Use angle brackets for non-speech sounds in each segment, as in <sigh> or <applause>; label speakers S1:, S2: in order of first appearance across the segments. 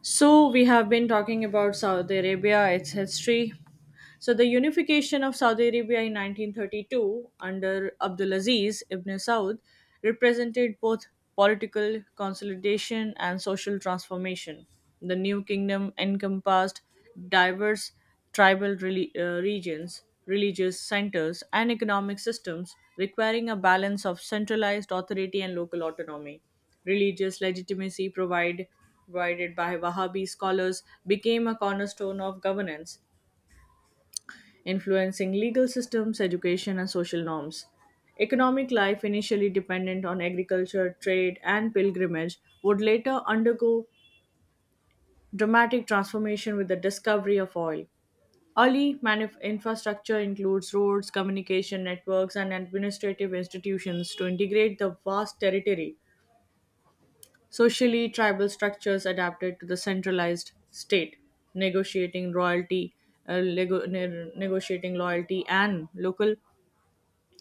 S1: So, we have been talking about Saudi Arabia, its history. So, the unification of Saudi Arabia in 1932 under Abdulaziz ibn Saud represented both political consolidation and social transformation. The new kingdom encompassed diverse regions, religious centers, and economic systems, requiring a balance of centralized authority and local autonomy. Religious legitimacy provided by Wahhabi scholars, became a cornerstone of governance, influencing legal systems, education, and social norms. Economic life, initially dependent on agriculture, trade, and pilgrimage, would later undergo dramatic transformation with the discovery of oil. Infrastructure includes roads, communication networks, and administrative institutions to integrate the vast territory. Socially, tribal structures adapted to the centralized state, negotiating royalty, negotiating loyalty and local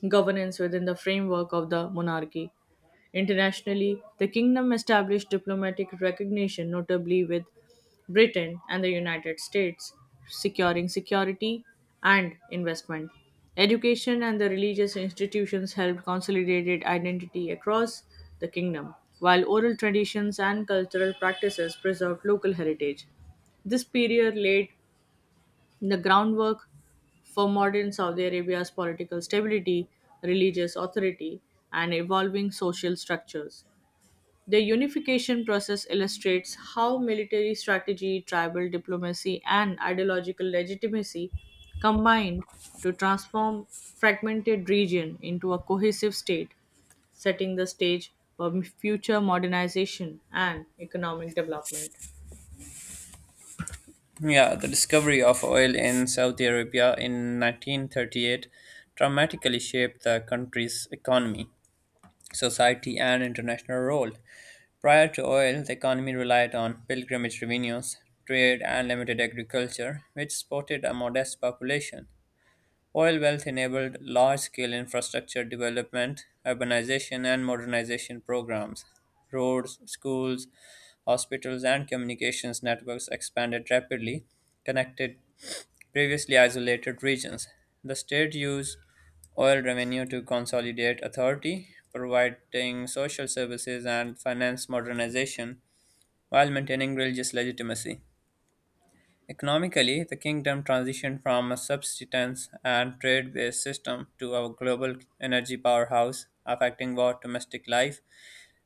S1: governance within the framework of the monarchy. Internationally, the kingdom established diplomatic recognition, notably with Britain and the United States, securing security and investment. Education and the religious institutions helped consolidate identity across the kingdom, while oral traditions and cultural practices preserved local heritage. This period laid the groundwork for modern Saudi Arabia's political stability, religious authority, and evolving social structures. The unification process illustrates how military strategy, tribal diplomacy, and ideological legitimacy combined to transform fragmented region into a cohesive state, setting the stage for future modernization and economic development.
S2: Yeah, the discovery of oil in Saudi Arabia in 1938 dramatically shaped the country's economy, society, and international role. Prior to oil, the economy relied on pilgrimage revenues, trade, and limited agriculture, which supported a modest population. Oil wealth enabled large scale infrastructure development, urbanization, and modernization programs. Roads, schools, hospitals, and communications networks expanded rapidly, connected previously isolated regions. The state used oil revenue to consolidate authority, providing social services and finance modernization while maintaining religious legitimacy. Economically, the kingdom transitioned from a subsistence and trade based system to a global energy powerhouse, affecting both domestic life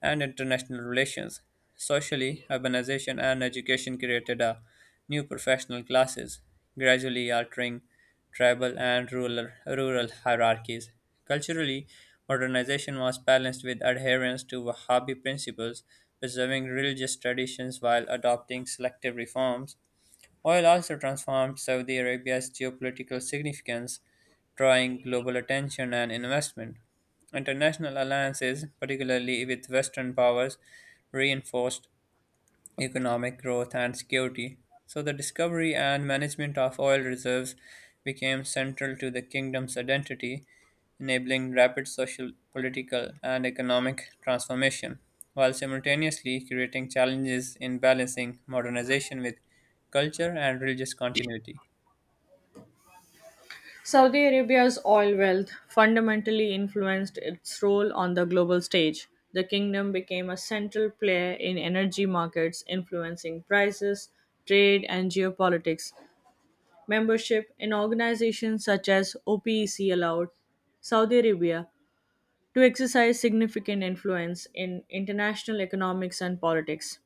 S2: and international relations. Socially, urbanization and education created a new professional classes, gradually altering tribal and rural hierarchies. Culturally, modernization was balanced with adherence to Wahhabi principles, preserving religious traditions while adopting selective reforms. Oil also transformed Saudi Arabia's geopolitical significance, drawing global attention and investment. International alliances, particularly with Western powers, reinforced economic growth, and security. So, the discovery and management of oil reserves became central to the kingdom's identity, enabling rapid social, political, and economic transformation, while simultaneously creating challenges in balancing modernization with culture and religious continuity.
S1: Saudi Arabia's oil wealth fundamentally influenced its role on the global stage. The kingdom became a central player in energy markets, influencing prices, trade, and geopolitics. Membership in organizations such as OPEC allowed Saudi Arabia to exercise significant influence in international economics and politics.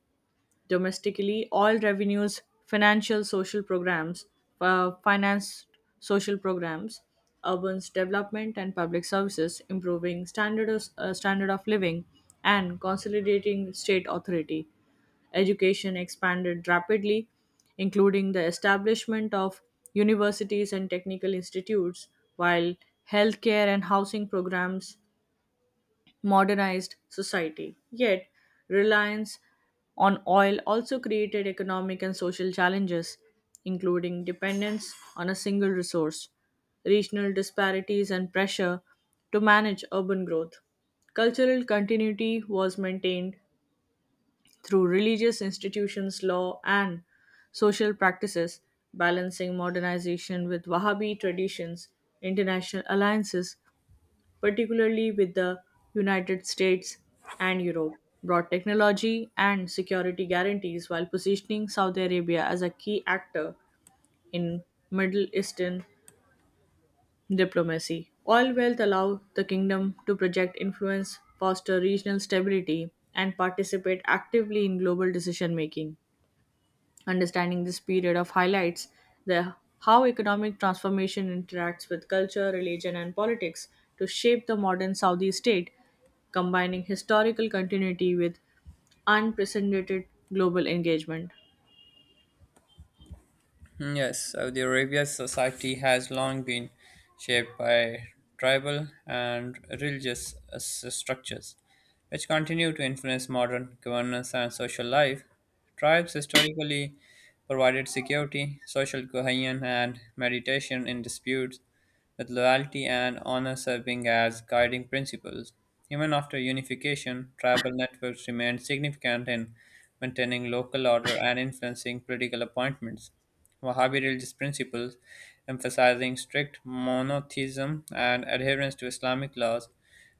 S1: Domestically, all revenues, financial social programs, finance social programs, urban development and public services, improving standard of living, and consolidating state authority. Education expanded rapidly, including the establishment of universities and technical institutes, while healthcare and housing programs modernized society. Yet, reliance on oil also created economic and social challenges, including dependence on a single resource, regional disparities, and pressure to manage urban growth. Cultural continuity was maintained through religious institutions, law, and social practices, balancing modernization with Wahhabi traditions. International alliances, particularly with the United States and Europe, brought technology and security guarantees while positioning Saudi Arabia as a key actor in Middle Eastern diplomacy. Oil wealth allowed the kingdom to project influence, foster regional stability, and participate actively in global decision making. Understanding this period of highlights the how economic transformation interacts with culture, religion, and politics to shape the modern Saudi state, combining historical continuity with unprecedented global engagement.
S2: Yes, Saudi Arabia's society has long been shaped by tribal and religious structures, which continue to influence modern governance and social life. Tribes historically provided security, social cohesion, and meditation in disputes, with loyalty and honor serving as guiding principles. Even after unification, tribal networks remained significant in maintaining local order and influencing political appointments. Wahhabi religious principles, emphasizing strict monotheism and adherence to Islamic laws,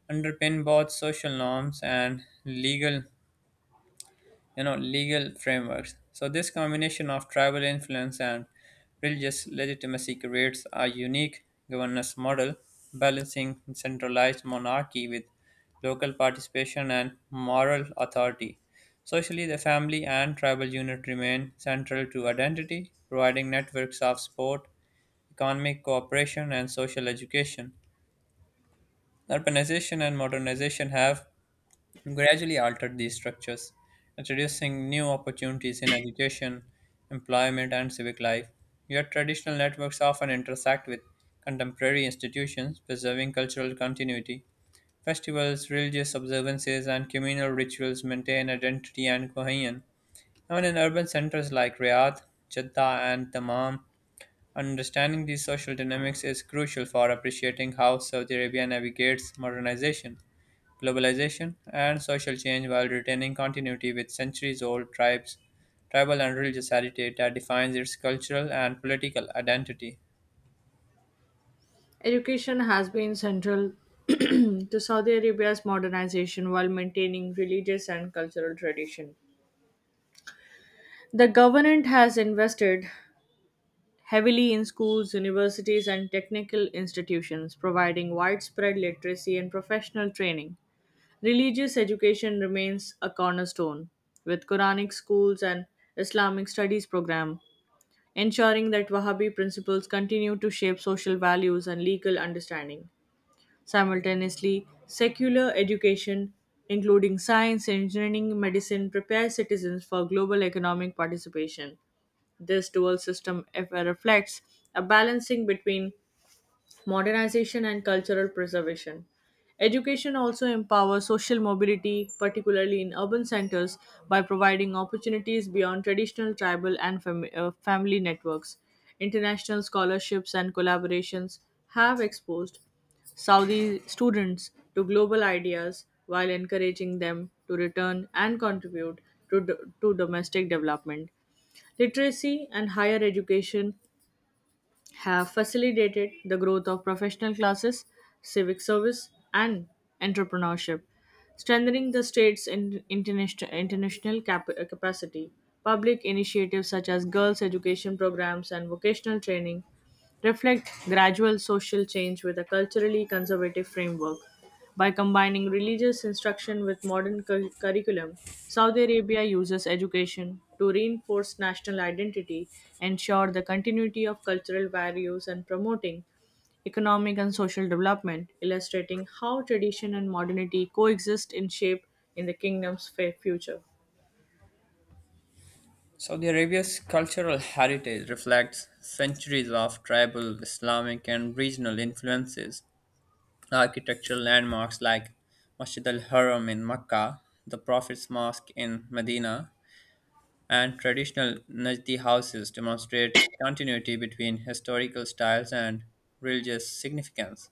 S2: underpin both social norms and legal legal frameworks. So this combination of tribal influence and religious legitimacy creates a unique governance model balancing centralized monarchy with local participation and moral authority. Socially, the family and tribal unit remain central to identity, providing networks of support, economic cooperation, and social education. Urbanization and modernization have gradually altered these structures, introducing new opportunities in education, employment, and civic life. Yet traditional networks often intersect with contemporary institutions, preserving cultural continuity. Festivals, religious observances, and communal rituals maintain identity and cohesion. Even in urban centers like Riyadh, Jeddah, and Dammam, understanding these social dynamics is crucial for appreciating how Saudi Arabia navigates modernization, globalization, and social change while retaining continuity with centuries old tribal and religious heritage that defines its cultural and political identity.
S1: Education has been central <clears throat> to Saudi Arabia's modernization while maintaining religious and cultural tradition. The government has invested heavily in schools, universities, and technical institutions, providing widespread literacy and professional training. Religious education remains a cornerstone, with Quranic schools and Islamic studies program, ensuring that Wahhabi principles continue to shape social values and legal understanding. Simultaneously, secular education, including science, engineering, medicine, prepares citizens for global economic participation. This dual system reflects a balancing between modernization and cultural preservation. Education also empowers social mobility, particularly in urban centers, by providing opportunities beyond traditional tribal and family networks. International scholarships and collaborations have exposed Saudi students to global ideas while encouraging them to return and contribute to domestic development. Literacy and higher education have facilitated the growth of professional classes, civic service, and entrepreneurship, strengthening the state's international capacity. Public initiatives such as girls' education programs and vocational training reflect gradual social change with a culturally conservative framework. By combining religious instruction with modern curriculum, Saudi Arabia uses education to reinforce national identity, ensure the continuity of cultural values, and promoting economic and social development, illustrating how tradition and modernity coexist in shape in the kingdom's future.
S2: Saudi Arabia's cultural heritage reflects centuries of tribal, Islamic, and regional influences. Architectural landmarks like Masjid al Haram in Mecca, the Prophet's Mosque in Medina, and traditional Najdi houses demonstrate continuity between historical styles and religious significance.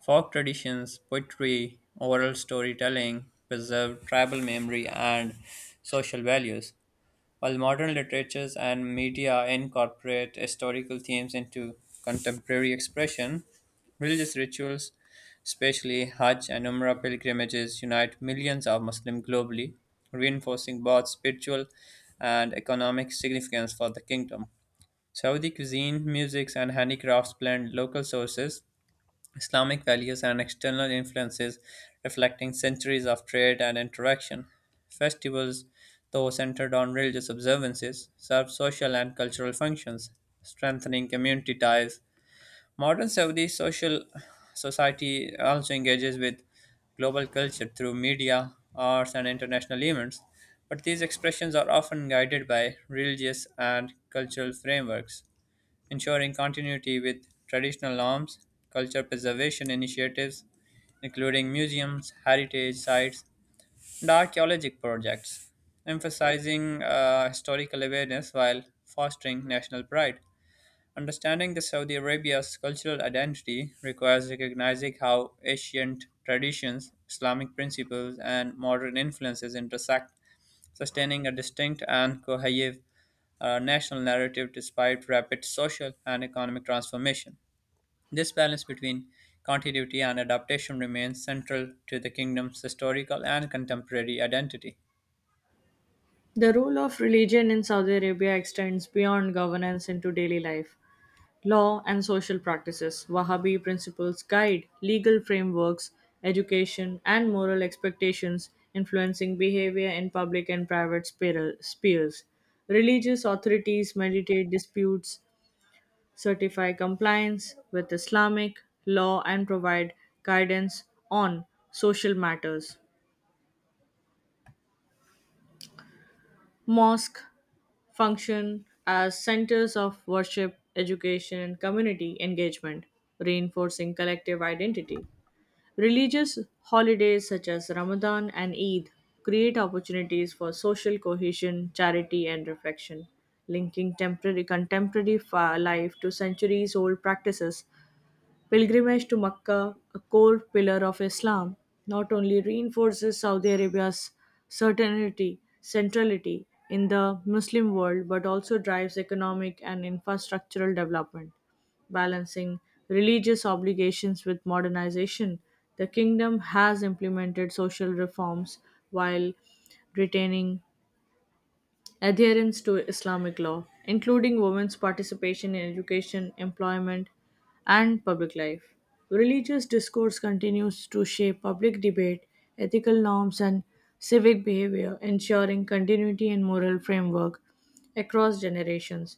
S2: Folk traditions, poetry, oral storytelling preserve tribal memory and social values, while modern literatures and media incorporate historical themes into contemporary expression. Religious rituals, especially Hajj and Umrah pilgrimages, unite millions of Muslims globally, reinforcing both spiritual and economic significance for the kingdom. Saudi cuisine, music, and handicrafts blend local sources, Islamic values and external influences reflecting centuries of trade and interaction. Festivals, though centered on religious observances, serve social and cultural functions, strengthening community ties. Modern Saudi social society also engages with global culture through media, arts, and international events, but these expressions are often guided by religious and cultural frameworks ensuring continuity with traditional norms, culture preservation initiatives, including museums, heritage sites, and archaeologic projects, emphasizing historical awareness while fostering national pride. Understanding the Saudi Arabia's cultural identity requires recognizing how ancient traditions, Islamic principles, and modern influences intersect, sustaining a distinct and cohesive national narrative despite rapid social and economic transformation. This balance between continuity and adaptation remains central to the kingdom's historical and contemporary identity.
S1: The role of religion in Saudi Arabia extends beyond governance into daily life. Law and social practices, Wahhabi principles guide legal frameworks, education, and moral expectations, influencing behavior in public and private spheres. Religious authorities mediate disputes, certify compliance with Islamic law, and provide guidance on social matters. Mosque function as centers of worship, education, and community engagement, reinforcing collective identity. Religious holidays such as Ramadan and Eid create opportunities for social cohesion, charity, and reflection, linking temporary contemporary life to centuries old practices. Pilgrimage to Mecca, a core pillar of Islam, not only reinforces Saudi Arabia's centrality in the Muslim world, but also drives economic and infrastructural development. Balancing religious obligations with modernization, the kingdom has implemented social reforms while retaining adherence to Islamic law, including women's participation in education, employment, and public life. Religious discourse continues to shape public debate, ethical norms, and civic behavior, ensuring continuity and moral framework across generations.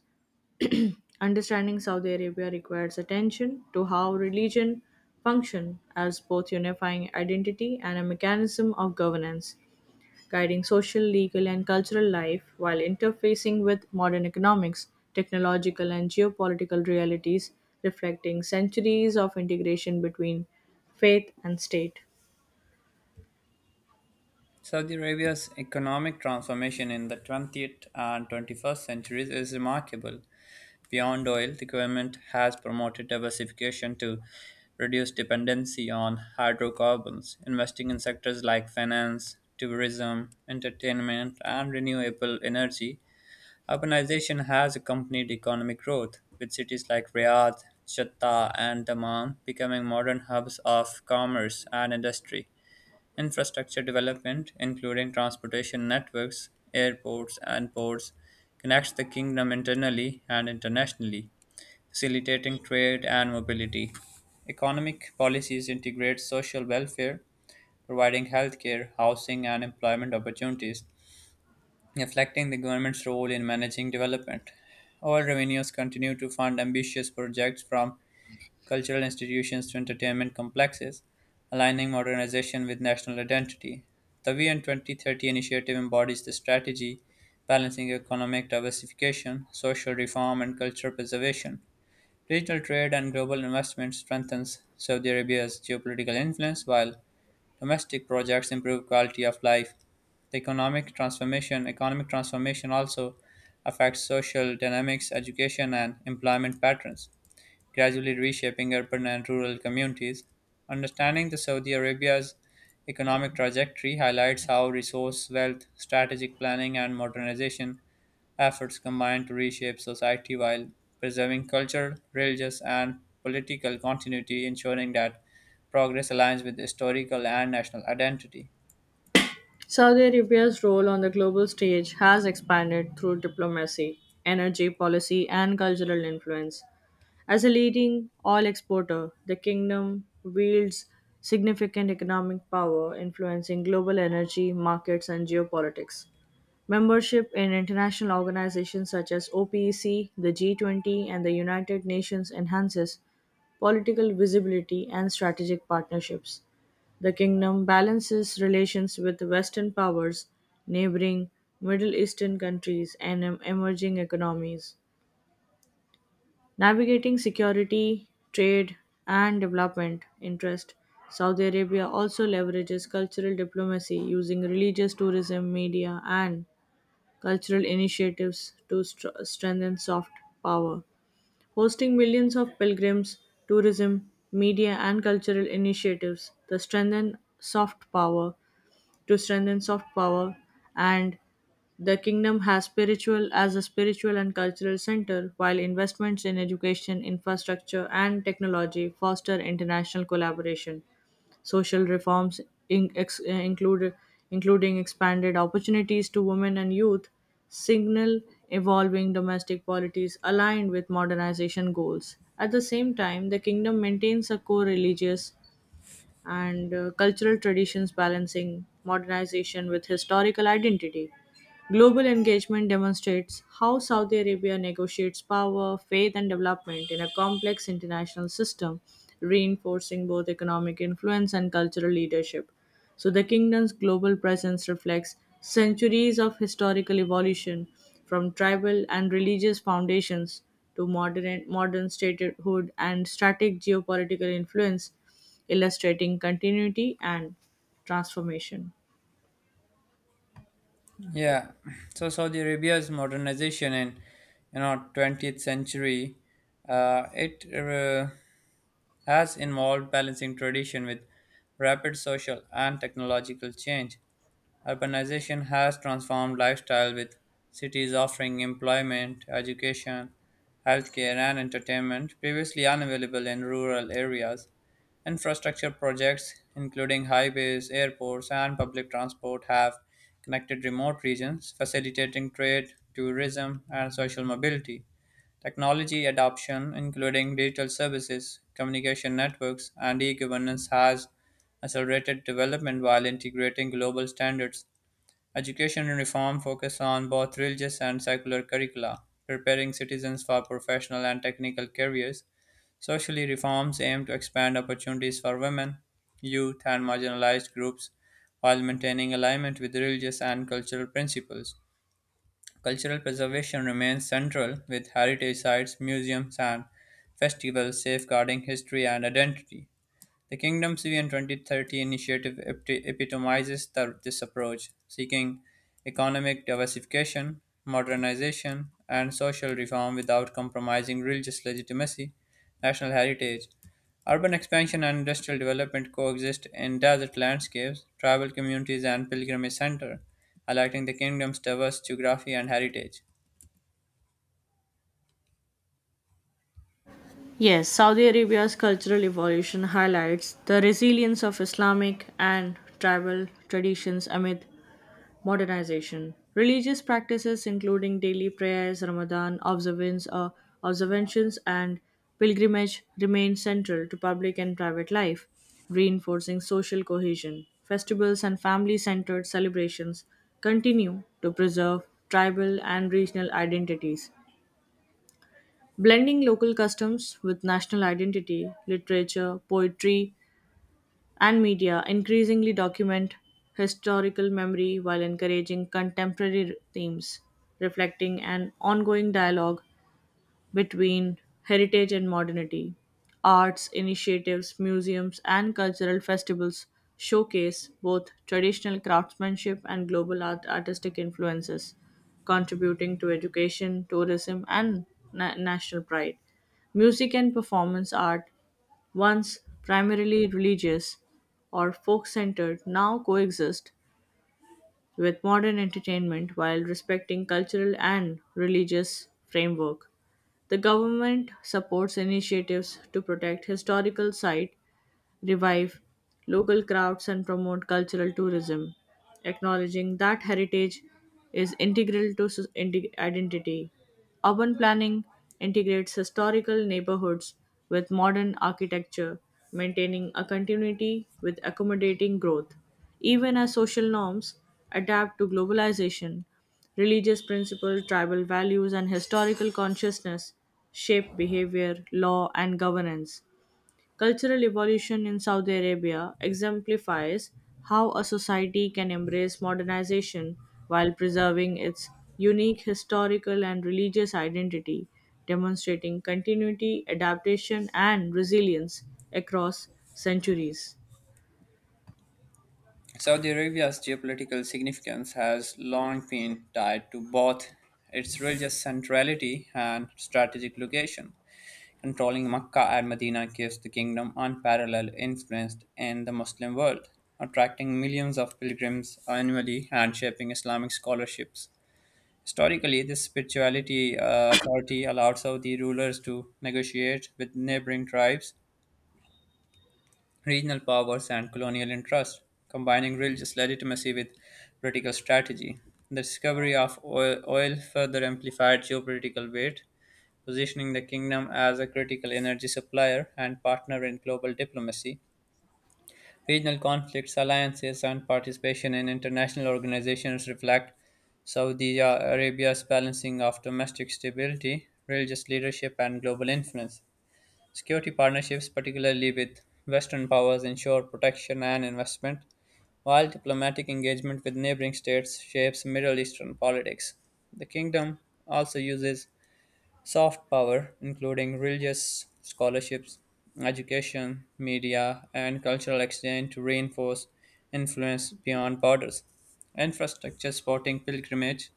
S1: Understanding Saudi Arabia requires attention to how religion function as both unifying identity and a mechanism of governance guiding social, legal, and cultural life while interfacing with modern economics, technological, and geopolitical realities, reflecting centuries of integration between faith and state.
S2: Saudi Arabia's economic transformation in the 20th and 21st centuries is remarkable. Beyond oil, the government has promoted diversification to reduce dependency on hydrocarbons, investing in sectors like finance, tourism, entertainment, and renewable energy. Urbanization has accompanied economic growth, with cities like Riyadh, Jatta, and Dammam becoming modern hubs of commerce and industry. Infrastructure development, including transportation networks, airports, and ports, connects the kingdom internally and internationally, facilitating trade and mobility. Economic policies integrate social welfare, providing healthcare, housing, and employment opportunities reflecting the government's role in managing development. All revenues continue to fund ambitious projects from cultural institutions to entertainment complexes, aligning modernization with national identity. The VN 2030 initiative embodies the strategy, balancing economic diversification, social reform, and cultural preservation. Digital trade and global investment strengthens Saudi Arabia's geopolitical influence while domestic projects improve quality of life. The economic transformation also affects social dynamics, education and employment patterns, gradually reshaping urban and rural communities. Understanding the Saudi Arabia's economic trajectory highlights how resource wealth, strategic planning and modernization efforts combined to reshape society while preserving cultural, religious, and political continuity, ensuring that progress aligns with historical and national identity.
S1: Saudi Arabia's role on the global stage has expanded through diplomacy, energy policy, and cultural influence. As a leading oil exporter, the kingdom wields significant economic power influencing global energy markets and geopolitics. Membership in international organizations such as OPEC, the G20, and the United Nations enhances political visibility and strategic partnerships. The kingdom balances relations with Western powers, neighboring Middle Eastern countries, and emerging economies. Navigating security, trade, and development interest, Saudi Arabia also leverages cultural diplomacy using religious tourism, media, and cultural initiatives to strengthen soft power. Hosting millions of pilgrims, tourism, media, and cultural initiatives to strengthen soft power, to strengthen soft power, and the kingdom has spiritual as a spiritual and cultural center, while investments in education, infrastructure, and technology foster international collaboration. Social reforms in, ex, uh, include, including expanded opportunities to women and youth signal evolving domestic polities aligned with modernization goals. At the same time, the kingdom maintains a core religious and cultural traditions balancing modernization with historical identity. Global engagement demonstrates how Saudi Arabia negotiates power, faith, and development in a complex international system, reinforcing both economic influence and cultural leadership. So the kingdom's global presence reflects centuries of historical evolution from tribal and religious foundations to modern statehood and static geopolitical influence, illustrating continuity and transformation.
S2: Yeah, so Saudi Arabia's modernization in 20th century, it has involved balancing tradition with rapid social and technological change. Urbanization has transformed lifestyle, with cities offering employment, education, healthcare, and entertainment previously unavailable in rural areas. Infrastructure projects, including highways, airports, and public transport, have connected remote regions, facilitating trade, tourism, and social mobility. Technology adoption, including digital services, communication networks, and e governance, has accelerated development while integrating global standards. Education reform focuses on both religious and secular curricula, preparing citizens for professional and technical careers. Socially, reforms aim to expand opportunities for women, youth, and marginalized groups while maintaining alignment with religious and cultural principles. Cultural preservation remains central, with heritage sites, museums, and festivals safeguarding history and identity. The Kingdom's Vision 2030 initiative epitomizes this approach, seeking economic diversification, modernization, and social reform without compromising religious legitimacy, national heritage. Urban expansion and industrial development coexist in desert landscapes, tribal communities, and pilgrimage centers, highlighting the kingdom's diverse geography and heritage.
S1: Yes, Saudi Arabia's cultural evolution highlights the resilience of Islamic and tribal traditions amid modernization. Religious practices, including daily prayers, Ramadan observances, and pilgrimage, remain central to public and private life, reinforcing social cohesion. Festivals and family centered celebrations continue to preserve tribal and regional identities blending local customs with national identity, literature, poetry, and media increasingly document historical memory while encouraging contemporary themes, reflecting an ongoing dialogue between heritage and modernity. Arts initiatives, museums, and cultural festivals showcase both traditional craftsmanship and global artistic influences, contributing to education, tourism, and national pride. Music and performance art, once primarily religious or folk centered, now coexist with modern entertainment while respecting cultural and religious framework. The government supports initiatives to protect historical sites revive local crafts and promote cultural tourism, acknowledging that heritage is integral to identity. Urban planning integrates historical neighborhoods with modern architecture, maintaining a continuity with accommodating growth. Even as social norms adapt to globalization, religious principles, tribal values, and historical consciousness shape behavior, law, and governance. Cultural evolution in Saudi Arabia exemplifies how a society can embrace modernization while preserving its unique historical and religious identity, demonstrating continuity, adaptation, and resilience across centuries.
S2: Saudi Arabia's geopolitical significance has long been tied to both its religious centrality and strategic location. Controlling Mecca and Medina gives the kingdom unparalleled influence in the Muslim world, attracting millions of pilgrims annually and shaping Islamic scholarships. Historically, this spirituality authority allowed Saudi rulers to negotiate with neighboring tribes, regional powers, and colonial interests, combining religious legitimacy with political strategy. The discovery of oil further amplified geopolitical weight, positioning the kingdom as a critical energy supplier and partner in global diplomacy. Regional conflicts, alliances, and participation in international organizations reflect Saudi Arabia's balancing of domestic stability, religious leadership, and global influence. Security partnerships, particularly with Western powers, ensure protection and investment, while diplomatic engagement with neighboring states shapes Middle Eastern politics. The kingdom also uses soft power, including religious scholarships, education, media, and cultural exchange, to reinforce influence beyond borders. Infrastructure supporting pilgrimage,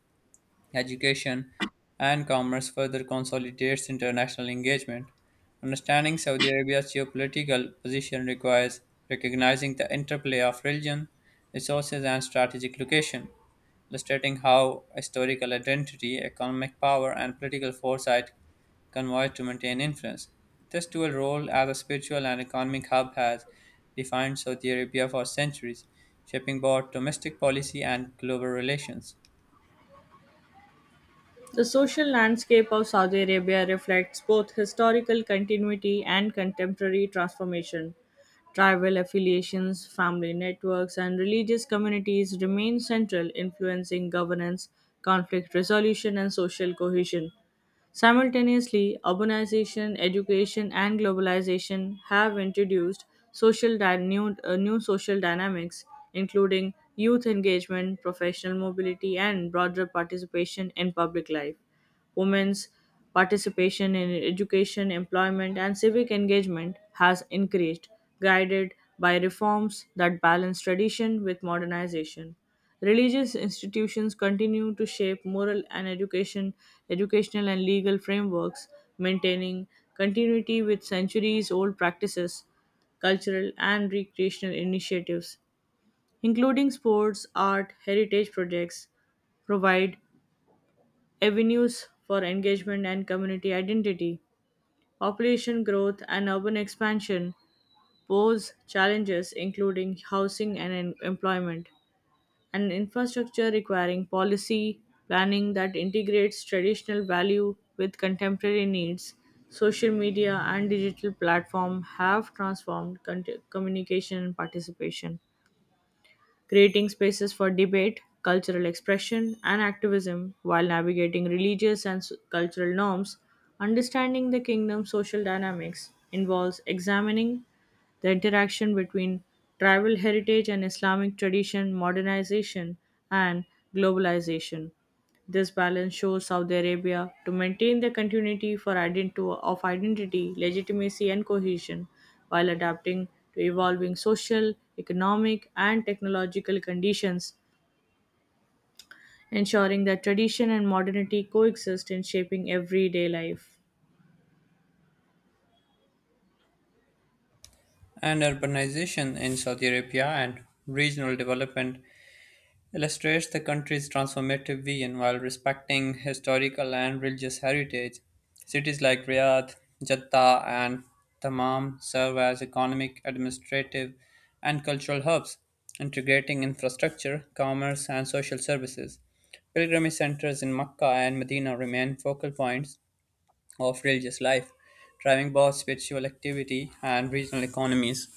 S2: education, and commerce further consolidates international engagement. Understanding Saudi Arabia's geopolitical position requires recognizing the interplay of religion, resources, and strategic location, illustrating how historical identity, economic power, and political foresight converge to maintain influence. This dual role as a spiritual and economic hub has defined Saudi Arabia for centuries, shaping both domestic policy and global relations.
S1: The social landscape of Saudi Arabia reflects both historical continuity and contemporary transformation. Tribal affiliations, family networks, and religious communities remain central, influencing governance, conflict resolution, and social cohesion. Simultaneously, urbanization, education, and globalization have introduced new social dynamics, including youth engagement, professional mobility, and broader participation in public life. Women's participation in education, employment, and civic engagement has increased, guided by reforms that balance tradition with modernization. Religious institutions continue to shape educational and legal frameworks, maintaining continuity with centuries old practices, cultural and recreational initiatives, including sports, art, heritage projects, provide avenues for engagement and community identity. Population growth and urban expansion pose challenges including housing and employment, and infrastructure requiring policy planning that integrates traditional value with contemporary needs. Social media and digital platform have transformed communication and participation creating spaces for debate, cultural expression, and activism while navigating religious and cultural norms. Understanding the kingdom's social dynamics involves examining the interaction between tribal heritage and Islamic tradition, modernization, and globalization. This balance shows Saudi Arabia to maintain the continuity for of identity, legitimacy, and cohesion while adapting to evolving social, economic, and technological conditions, ensuring that tradition and modernity coexist in shaping everyday life.
S2: And urbanization in Saudi Arabia and regional development illustrates the country's transformative vision while respecting historical and religious heritage. Cities like Riyadh, Jeddah, and Dammam serve as economic, administrative, and cultural hubs, integrating infrastructure, commerce, and social services. Pilgrimage centers in Mecca and Medina remain focal points of religious life, driving both spiritual activity and regional economies.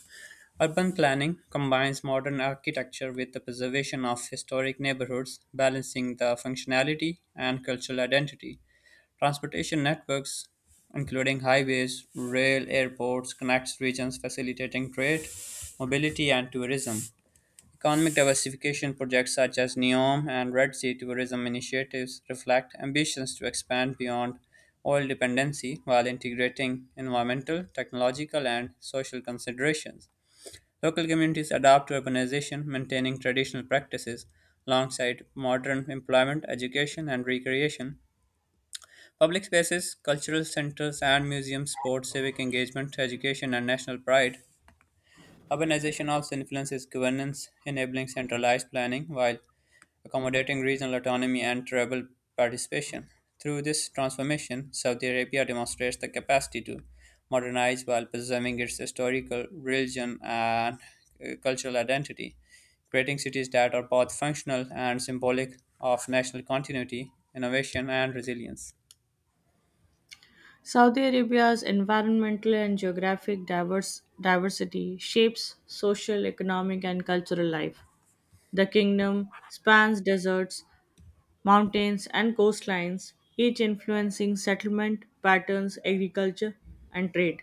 S2: Urban planning combines modern architecture with the preservation of historic neighborhoods, balancing the functionality and cultural identity. Transportation networks, including highways, rail, airports, connects regions, facilitating trade, mobility, and tourism. Economic diversification projects such as NEOM and Red Sea tourism initiatives reflect ambitions to expand beyond oil dependency while integrating environmental, technological, and social considerations. Local communities adapt to urbanization, maintaining traditional practices alongside modern employment, education, and recreation. Public spaces, cultural centers, and museums support civic engagement, education, and national pride. Urbanization also influences governance, enabling centralized planning, while accommodating regional autonomy and tribal participation. Through this transformation, Saudi Arabia demonstrates the capacity to modernize while preserving its historical, religion, and cultural identity, creating cities that are both functional and symbolic of national continuity, innovation, and resilience.
S1: Saudi Arabia's environmental and geographic diversity shapes social, economic, and cultural life. The kingdom spans deserts, mountains, and coastlines, each influencing settlement patterns, agriculture, and trade.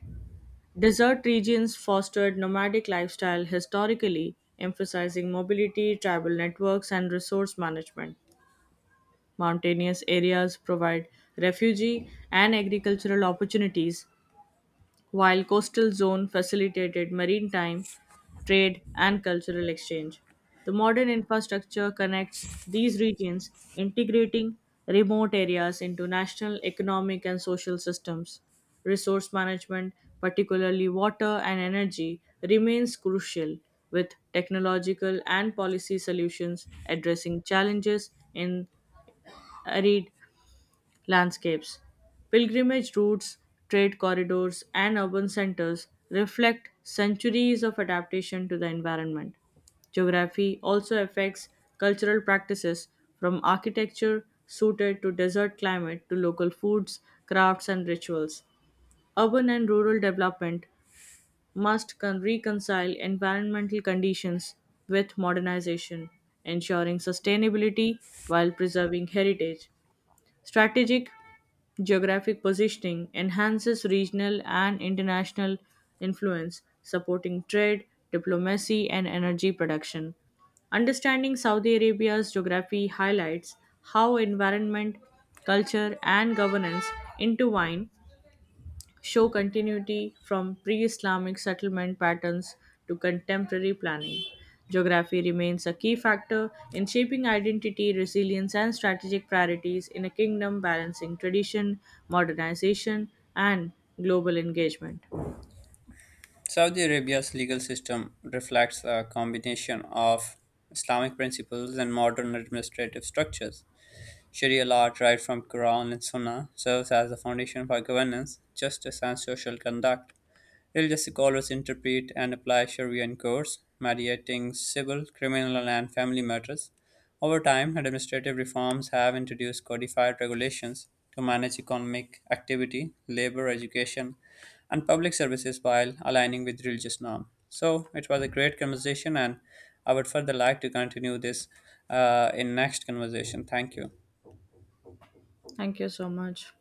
S1: Desert regions fostered nomadic lifestyle historically, emphasizing mobility, tribal networks, and resource management. Mountainous areas provide refugee and agricultural opportunities, while coastal zone facilitated maritime trade and cultural exchange. The modern infrastructure connects these regions, integrating remote areas into national economic and social systems. Resource management, particularly water and energy, remains crucial, with technological and policy solutions addressing challenges in arid landscapes. Pilgrimage routes, trade corridors, and urban centers reflect centuries of adaptation to the environment. Geography also affects cultural practices from architecture suited to desert climate to local foods, crafts, and rituals. Urban and rural development must reconcile environmental conditions with modernization, ensuring sustainability while preserving heritage. Strategic geographic positioning enhances regional and international influence, supporting trade, diplomacy, and energy production. Understanding Saudi Arabia's geography highlights how environment, culture, and governance intertwine show continuity from pre Islamic settlement patterns to contemporary planning. Geography remains a key factor in shaping identity, resilience, and strategic priorities in a kingdom balancing tradition, modernization, and global engagement.
S2: Saudi Arabia's legal system reflects a combination of Islamic principles and modern administrative structures. Sharia law, derived from Quran and Sunnah, serves as the foundation for governance, justice, and social conduct. Religious scholars interpret and apply Sharia in courts, mediating civil, criminal, and family matters. Over time, administrative reforms have introduced codified regulations to manage economic activity, labor, education, and public services while aligning with religious norms. So it was a great conversation, and I would further like to continue this in next conversation. Thank you.
S1: Thank you so much.